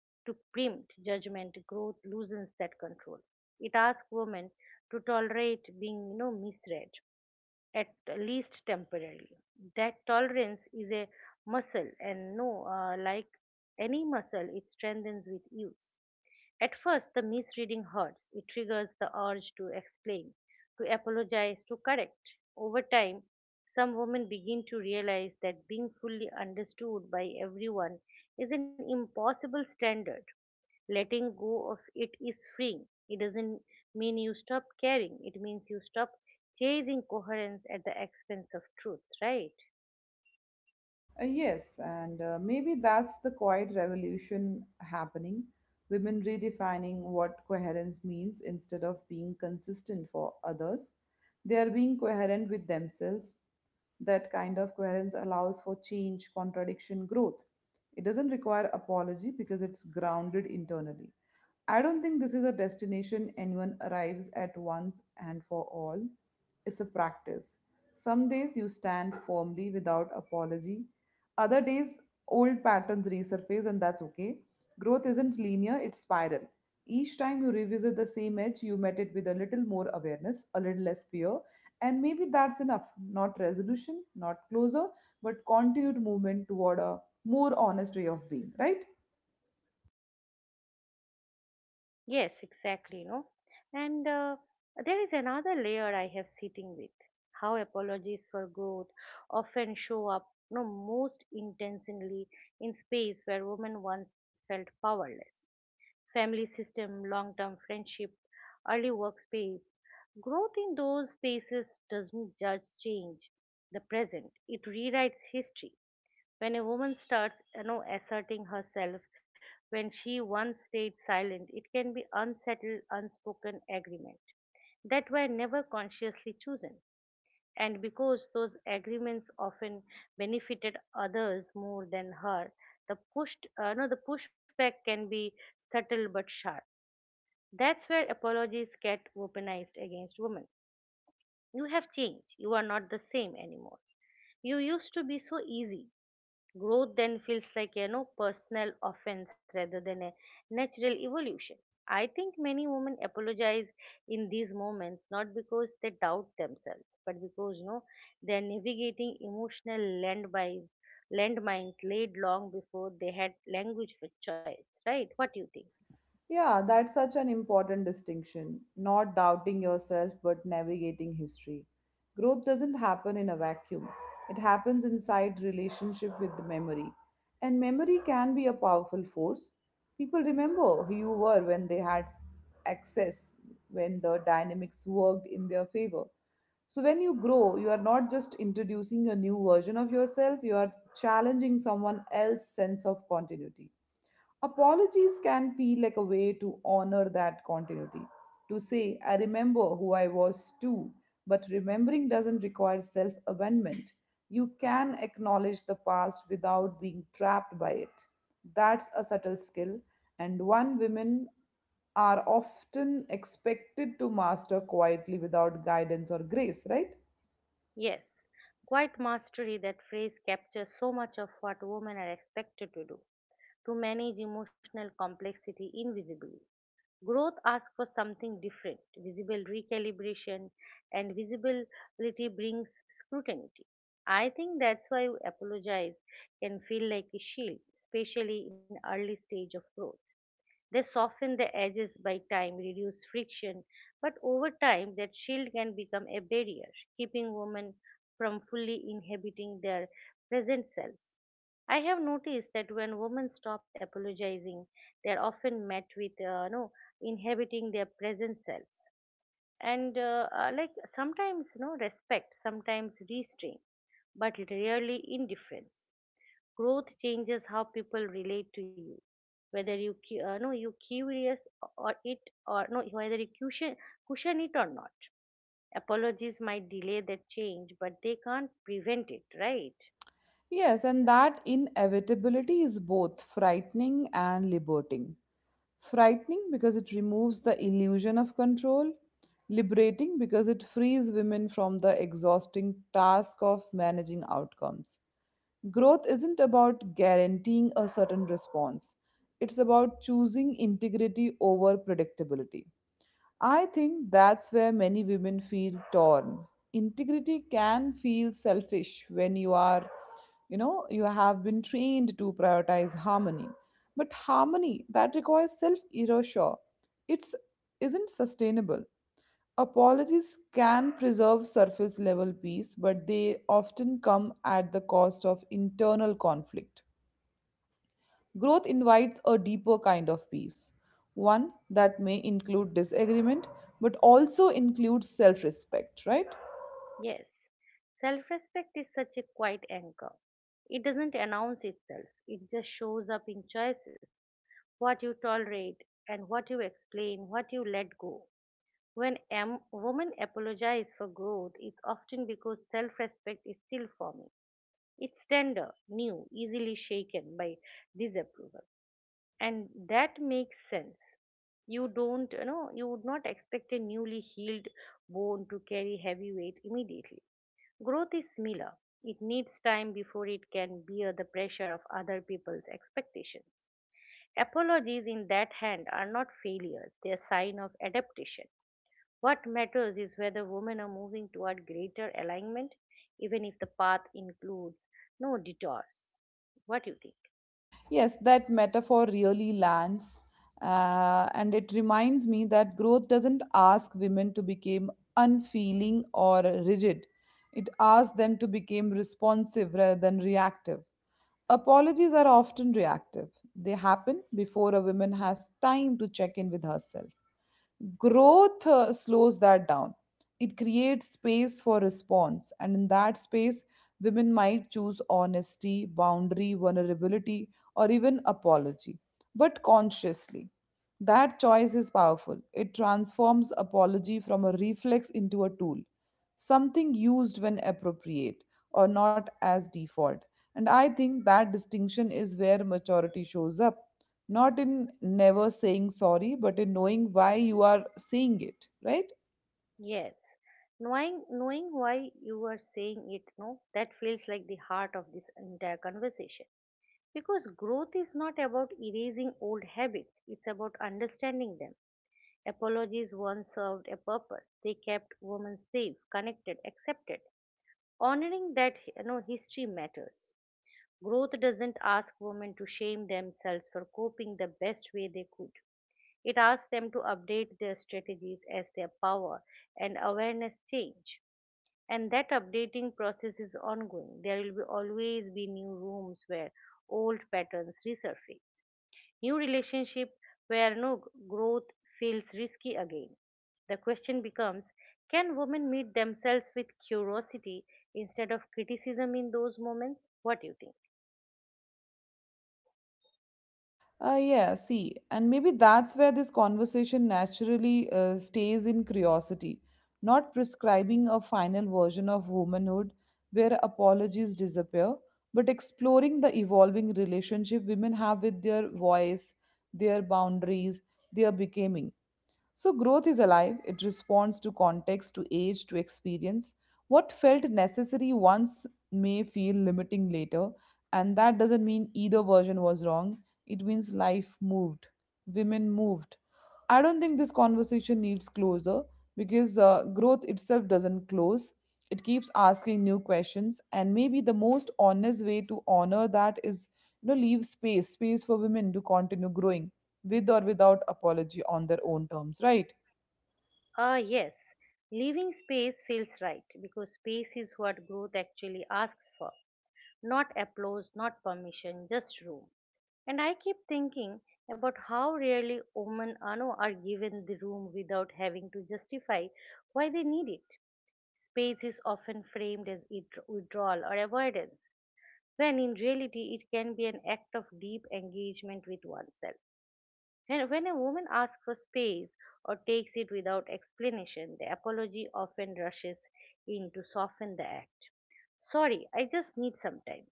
A: To preempt judgment, growth loosens that control. It asks women to tolerate being, you know, misread at least temporarily. That tolerance is a muscle, and no, uh, like any muscle, it strengthens with use. At first, the misreading hurts. It triggers the urge to explain, to apologize, to correct. Over time, some women begin to realize that being fully understood by everyone is an impossible standard. Letting go of it is freeing. It doesn't mean you stop caring, it means you stop chasing coherence at the expense of truth, right?
B: Uh, yes, and uh, maybe that's the quiet revolution happening. Women redefining what coherence means instead of being consistent for others. They are being coherent with themselves. That kind of coherence allows for change, contradiction, growth. It doesn't require apology because it's grounded internally. I don't think this is a destination anyone arrives at once and for all. It's a practice. Some days you stand firmly without apology. Other days, old patterns resurface, and that's okay. Growth isn't linear, it's spiral. Each time you revisit the same edge, you met it with a little more awareness, a little less fear, and maybe that's enough. Not resolution, not closure, but continued movement toward a more honest way of being, right?
A: Yes, exactly, no? And uh, There is another layer I have sitting with, how apologies for growth often show up no most intentionally in space where women once felt powerless, family system, long term friendship, early workspace. Growth in those spaces doesn't just change the present. It rewrites history. When a woman starts you know, asserting herself, when she once stayed silent, it can be unsettled, unspoken agreement that were never consciously chosen. And because those agreements often benefited others more than her, the pushed, uh, no, the pushback can be subtle but sharp. That's where apologies get weaponized against women. You have changed. You are not the same anymore. You used to be so easy. Growth then feels like you know personal offense rather than a natural evolution. I think many women apologize in these moments not because they doubt themselves, but because you know they are navigating emotional landmines, landmines laid long before they had language for choice. Right? What do you think?
B: Yeah, that's such an important distinction. Not doubting yourself, but navigating history. Growth doesn't happen in a vacuum, it happens inside relationship with the memory. And memory can be a powerful force. People remember who you were when they had access, when the dynamics worked in their favor. So when you grow, you are not just introducing a new version of yourself, you are challenging someone else's sense of continuity. Apologies can feel like a way to honor that continuity. To say, I remember who I was too, but remembering doesn't require self abandonment. You can acknowledge the past without being trapped by it. That's a subtle skill, and one women are often expected to master quietly without guidance or grace, right?
A: Yes, quite mastery, that phrase captures so much of what women are expected to do, to manage emotional complexity invisibly. Growth asks for something different, visible recalibration, and visibility brings scrutiny. I think that's why apologize can feel like a shield, especially in early stage of growth. They soften the edges by time, reduce friction, but over time that shield can become a barrier, keeping women from fully inhabiting their present selves. I have noticed that when women stop apologizing, they are often met with uh, no inhabiting their present selves, and uh, uh, like sometimes no respect, sometimes restraint, but rarely indifference. Growth changes how people relate to you, whether you cu- uh, no you curious, or it or no whether you cushion cushion it or not. Apologies might delay that change, but they can't prevent it, right?
B: Yes, and that inevitability is both frightening and liberating. Frightening because it removes the illusion of control. Liberating because it frees women from the exhausting task of managing outcomes. Growth isn't about guaranteeing a certain response, it's about choosing integrity over predictability. I think that's where many women feel torn. Integrity can feel selfish when you are, you know, you have been trained to prioritize harmony. But harmony that requires self erasure, it's isn't sustainable. Apologies can preserve surface level peace, but they often come at the cost of internal conflict. Growth invites a deeper kind of peace, one that may include disagreement but also includes self respect, right?
A: Yes, self respect is such a quiet anchor. It doesn't announce itself, it just shows up in choices: what you tolerate and what you explain, what you let go. When a woman apologizes for growth, it's often because self respect is still forming. It's tender, new, easily shaken by disapproval. And that makes sense. You don't, you know, you would not expect a newly healed bone to carry heavy weight immediately. Growth is similar. It needs time before it can bear the pressure of other people's expectations. Apologies in that hand are not failures, they are sign of adaptation. What matters is whether women are moving toward greater alignment, even if the path includes no detours. What do you think?
B: Yes, that metaphor really lands. Uh, and it reminds me that growth doesn't ask women to become unfeeling or rigid. It asks them to become responsive rather than reactive. Apologies are often reactive, they happen before a woman has time to check in with herself. Growth uh, slows that down. It creates space for response, and in that space women might choose honesty, boundary, vulnerability, or even apology, but consciously. That choice is powerful. It transforms apology from a reflex into a tool, something used when appropriate or not as default. And I think that distinction is where maturity shows up, not in never saying sorry, but in knowing why you are saying it, right?
A: Yes. Knowing, knowing why you are saying it, no, that feels like the heart of this entire conversation. Because growth is not about erasing old habits, it's about understanding them. Apologies once served a purpose. They kept women safe, connected, accepted. Honoring that, you know, history matters. Growth doesn't ask women to shame themselves for coping the best way they could. It asks them to update their strategies as their power and awareness change. And that updating process is ongoing. There will be always be new rooms where old patterns resurface, new relationship where no growth feels risky again. The question becomes, can women meet themselves with curiosity instead of criticism in those moments? What do you think?
B: Uh, yeah, see, and maybe that's where this conversation naturally uh, stays in curiosity, not prescribing a final version of womanhood where apologies disappear, but exploring the evolving relationship women have with their voice, their boundaries, their becoming. So, growth is alive. It responds to context, to age, to experience. What felt necessary once may feel limiting later. And that doesn't mean either version was wrong. It means life moved, women moved. I don't think this conversation needs closure because uh, growth itself doesn't close. It keeps asking new questions, and maybe the most honest way to honor that is, you know, leave space, space for women to continue growing with or without apology on their own terms, right?
A: Ah, yes, leaving space feels right because space is what growth actually asks for. Not applause, not permission, just room. And I keep thinking about how rarely women are, no, are given the room without having to justify why they need it. Space is often framed as it- withdrawal or avoidance, when in reality it can be an act of deep engagement with oneself. When, when a woman asks for space or takes it without explanation, the apology often rushes in to soften the act. Sorry, I just need some time.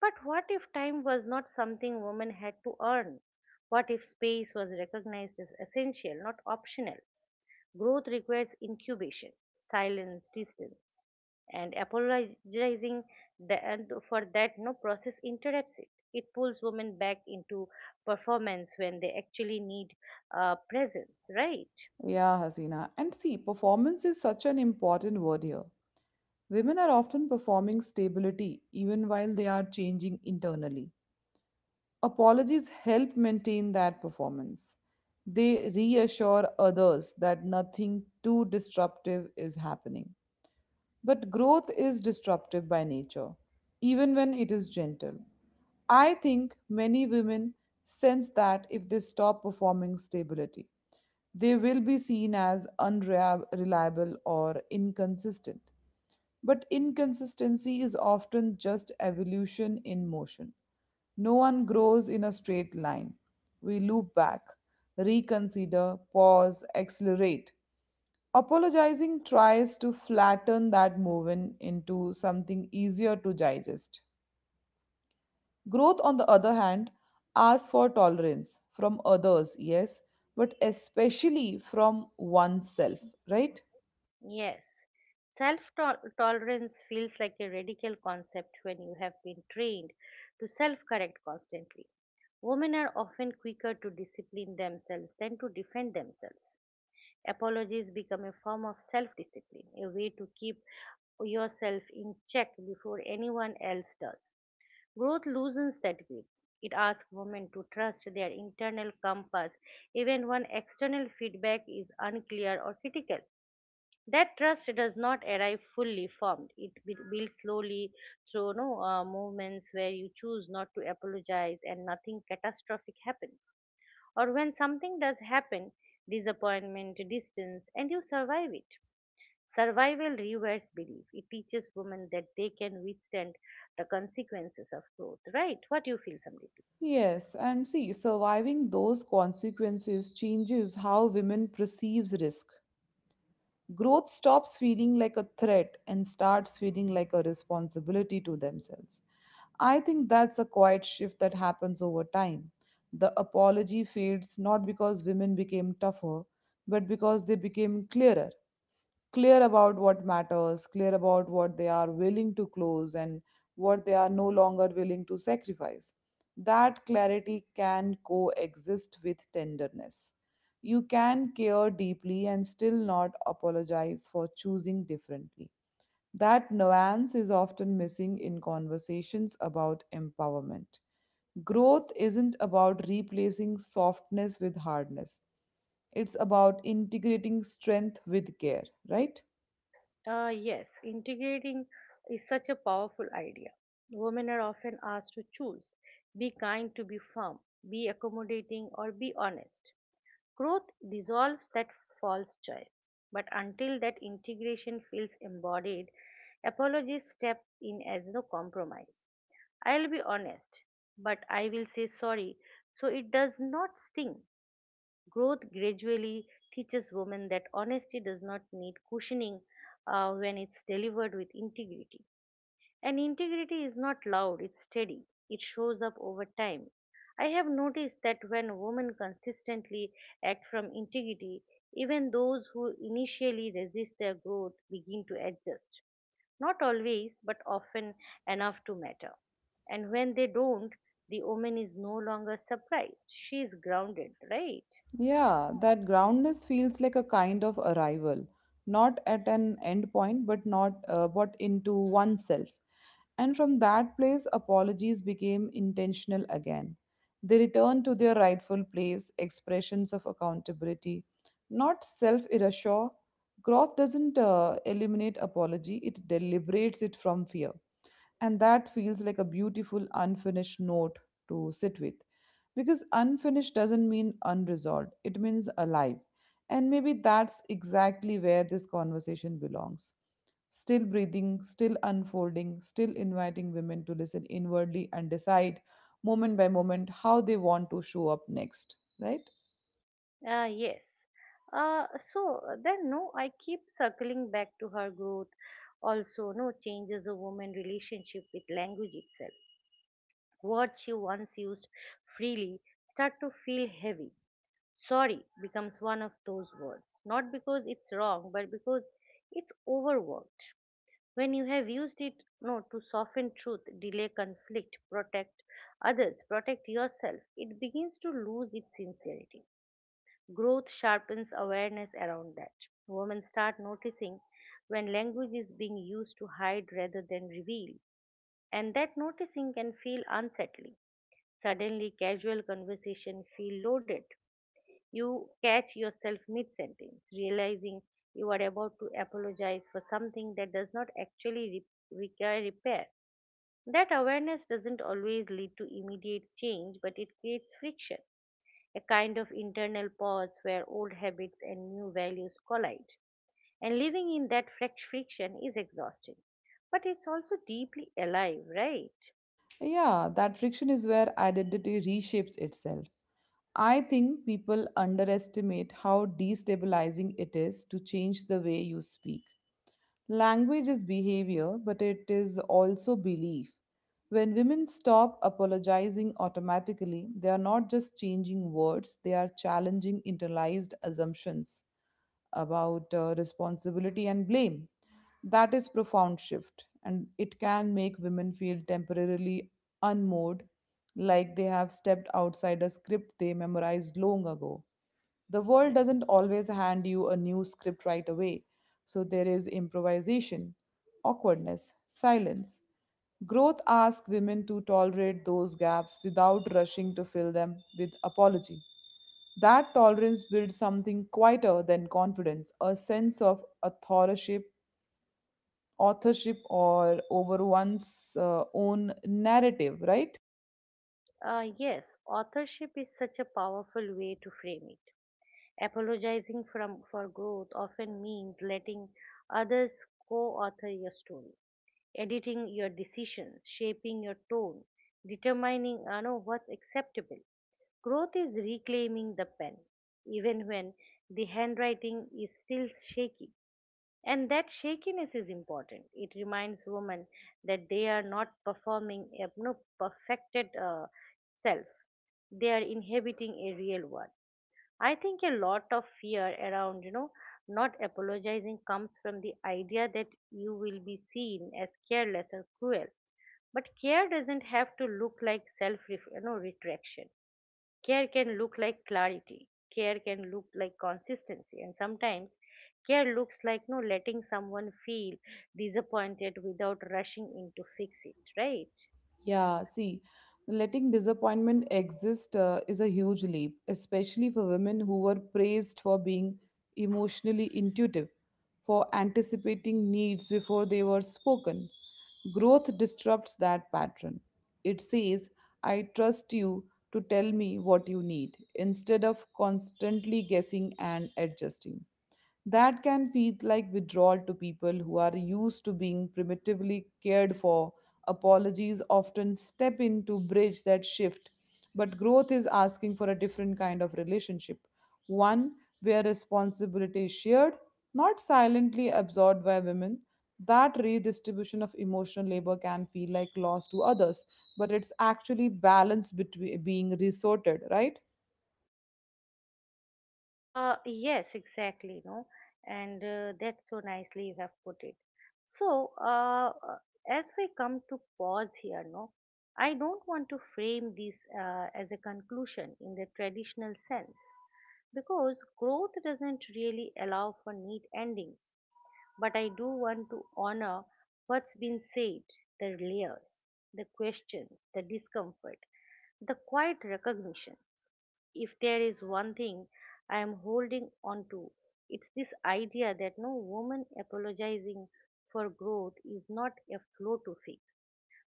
A: But what if time was not something women had to earn? What if space was recognized as essential, not optional? Growth requires incubation, silence, distance, and apologizing the, and for that no process interrupts it. It pulls women back into performance when they actually need uh, presence, right?
B: Yeah, Hasina. And see, performance is such an important word here. Women are often performing stability even while they are changing internally. Apologies help maintain that performance. They reassure others that nothing too disruptive is happening. But growth is disruptive by nature, even when it is gentle. I think many women sense that if they stop performing stability. They will be seen as unreliable or inconsistent. But inconsistency is often just evolution in motion. No one grows in a straight line. We loop back, reconsider, pause, accelerate. Apologizing tries to flatten that movement into something easier to digest. Growth, on the other hand, asks for tolerance from others, yes, but especially from oneself, right?
A: Yes. Self tolerance feels like a radical concept when you have been trained to self correct constantly. Women are often quicker to discipline themselves than to defend themselves. Apologies become a form of self discipline, a way to keep yourself in check before anyone else does. Growth loosens that grip. It asks women to trust their internal compass even when external feedback is unclear or critical. That trust does not arrive fully formed. It be- builds slowly through no, uh, moments where you choose not to apologize and nothing catastrophic happens, or when something does happen: disappointment, distance, and you survive it. Survival rewires belief. It teaches women that they can withstand the consequences of growth. Right? What do you feel, Samriti?
B: Yes, and see, surviving those consequences changes how women perceives risk. Growth stops feeling like a threat and starts feeling like a responsibility to themselves. I think that's a quiet shift that happens over time. The apology fades not because women became tougher, but because they became clearer. Clear about what matters, clear about what they are willing to close and what they are no longer willing to sacrifice. That clarity can coexist with tenderness. You can care deeply and still not apologize for choosing differently. That nuance is often missing in conversations about empowerment. Growth isn't about replacing softness with hardness, it's about integrating strength with care, right?
A: Uh, yes, integrating is such a powerful idea. Women are often asked to choose, be kind to be firm, be accommodating, or be honest. Growth dissolves that false choice, but until that integration feels embodied, apologies step in as no compromise. I'll be honest, but I will say sorry so it does not sting. Growth gradually teaches women that honesty does not need cushioning uh, when it's delivered with integrity. And integrity is not loud, it's steady. It shows up over time. I have noticed that when women consistently act from integrity, even those who initially resist their growth begin to adjust. Not always, but often enough to matter. And when they don't, the woman is no longer surprised. She is grounded, right?
B: Yeah, that groundness feels like a kind of arrival, not at an end point, but not uh, but into oneself. And from that place, apologies became intentional again. They returned to their rightful place, expressions of accountability, not self erasure. Growth doesn't uh, eliminate apology; it deliberates it from fear. And that feels like a beautiful unfinished note to sit with. Because unfinished doesn't mean unresolved, it means alive. And maybe that's exactly where this conversation belongs. Still breathing, still unfolding, still inviting women to listen inwardly and decide moment by moment how they want to show up next, right?
A: Uh, yes. Uh, so uh, then, no, I keep circling back to her growth. Also, no, changes a woman's relationship with language itself. Words she once used freely start to feel heavy. Sorry becomes one of those words, not because it's wrong, but because it's overworked. When you have used it, no, to soften truth, delay conflict, protect others, protect yourself, it begins to lose its sincerity. Growth sharpens awareness around that. Women start noticing when language is being used to hide rather than reveal, and that noticing can feel unsettling. Suddenly, casual conversation feel loaded. You catch yourself mid sentence, realizing you are about to apologize for something that does not actually re- require repair. That awareness doesn't always lead to immediate change, but it creates friction, a kind of internal pause where old habits and new values collide. And living in that fric- friction is exhausting, but it's also deeply alive, right?
B: Yeah, that friction is where identity reshapes itself. I think people underestimate how destabilizing it is to change the way you speak. Language is behavior, but it is also belief. When women stop apologizing automatically, they are not just changing words, they are challenging internalized assumptions about uh, responsibility and blame. That is profound shift and it can make women feel temporarily unmoored like they have stepped outside a script they memorized long ago. The world doesn't always hand you a new script right away, so there is improvisation, awkwardness, silence. Growth asks women to tolerate those gaps without rushing to fill them with apology. That tolerance builds something quieter than confidence, a sense of authorship authorship or over one's uh, own narrative, right?
A: Uh, yes, authorship is such a powerful way to frame it. Apologizing from, for growth often means letting others co author your story, editing your decisions, shaping your tone, determining uh, know, what's acceptable. Growth is reclaiming the pen, even when the handwriting is still shaky. And that shakiness is important. It reminds women that they are not performing a no, perfected uh, self, they are inhabiting a real one. I think a lot of fear around, you know, not apologizing comes from the idea that you will be seen as careless or cruel. But care doesn't have to look like self, you know, retraction. Care can look like clarity, care can look like consistency, and sometimes care looks like no letting someone feel disappointed without rushing in to fix it, right?
B: Yeah, see, letting disappointment exist uh, is a huge leap, especially for women who were praised for being emotionally intuitive, for anticipating needs before they were spoken. Growth disrupts that pattern. It says, I trust you to tell me what you need, instead of constantly guessing and adjusting. That can feel like withdrawal to people who are used to being primitively cared for. Apologies often step in to bridge that shift, but growth is asking for a different kind of relationship, one where responsibility is shared, not silently absorbed by women. That redistribution of emotional labor can feel like loss to others, but it's actually balance between being resorted, right?
A: Uh, yes, exactly, no, and uh, that's so nicely you have put it. So, uh, uh, as we come to pause here, no, I don't want to frame this uh, as a conclusion in the traditional sense, because growth doesn't really allow for neat endings. But I do want to honor what's been said: the layers, the questions, the discomfort, the quiet recognition. If there is one thing I am holding on to, it's this idea that no woman apologizing for growth is not a flaw to fix,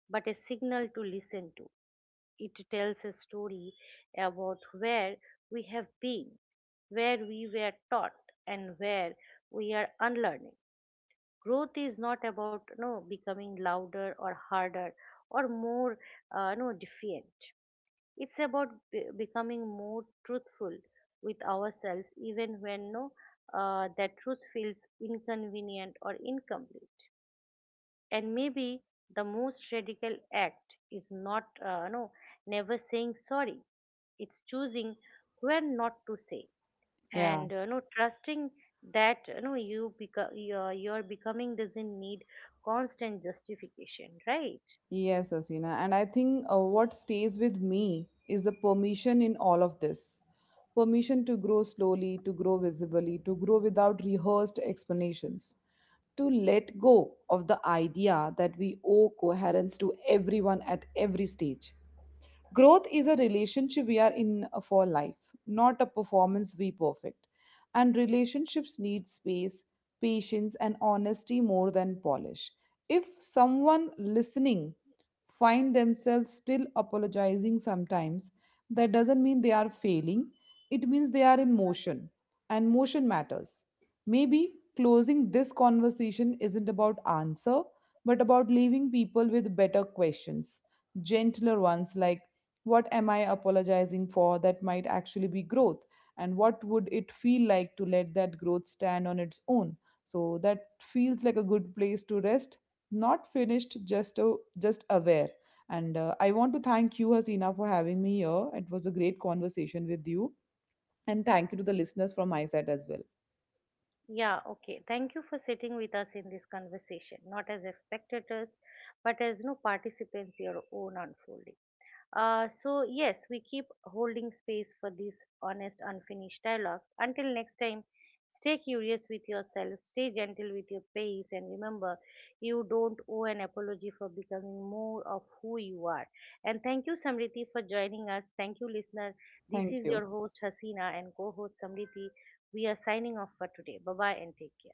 A: but a signal to listen to. It tells a story about where we have been, where we were taught, and where we are unlearning. Growth is not about, you know, becoming louder or harder or more, uh, you know, defiant. It's about be- becoming more truthful with ourselves, even when no, uh, that truth feels inconvenient or incomplete. And maybe the most radical act is not, uh, no never saying sorry, it's choosing when not to say.
B: Yeah.
A: And uh, no, trusting that, you know you become your, your becoming doesn't need constant justification, right?
B: Yes, Asina. And I think uh, what stays with me is the permission in all of this permission to grow slowly, to grow visibly, to grow without rehearsed explanations, to let go of the idea that we owe coherence to everyone at every stage. Growth is a relationship we are in uh, for life, not a performance we perfect. And relationships need space, patience, and honesty more than polish. If someone listening find themselves still apologizing sometimes, that doesn't mean they are failing. It means they are in motion, and motion matters. Maybe closing this conversation isn't about answer, but about leaving people with better questions gentler ones like what am I apologizing for that might actually be growth? And what would it feel like to let that growth stand on its own? So that feels like a good place to rest. Not finished, just a, just aware. And uh, I want to thank you, Hasina, for having me here. It was a great conversation with you. And thank you to the listeners from my side as well.
A: Yeah, okay, thank you for sitting with us in this conversation, not as spectators but as no participants your own unfolding. Uh, so, yes, we keep holding space for these honest, unfinished dialogues. Until next time, stay curious with yourself, stay gentle with your pace, and remember, you don't owe an apology for becoming more of who you are. And thank you, Samriti, for joining us. Thank you, listener. This
B: Thank
A: is
B: you.
A: your host, Hasina, and co host, Samriti. We are signing off for today. Bye bye and take care.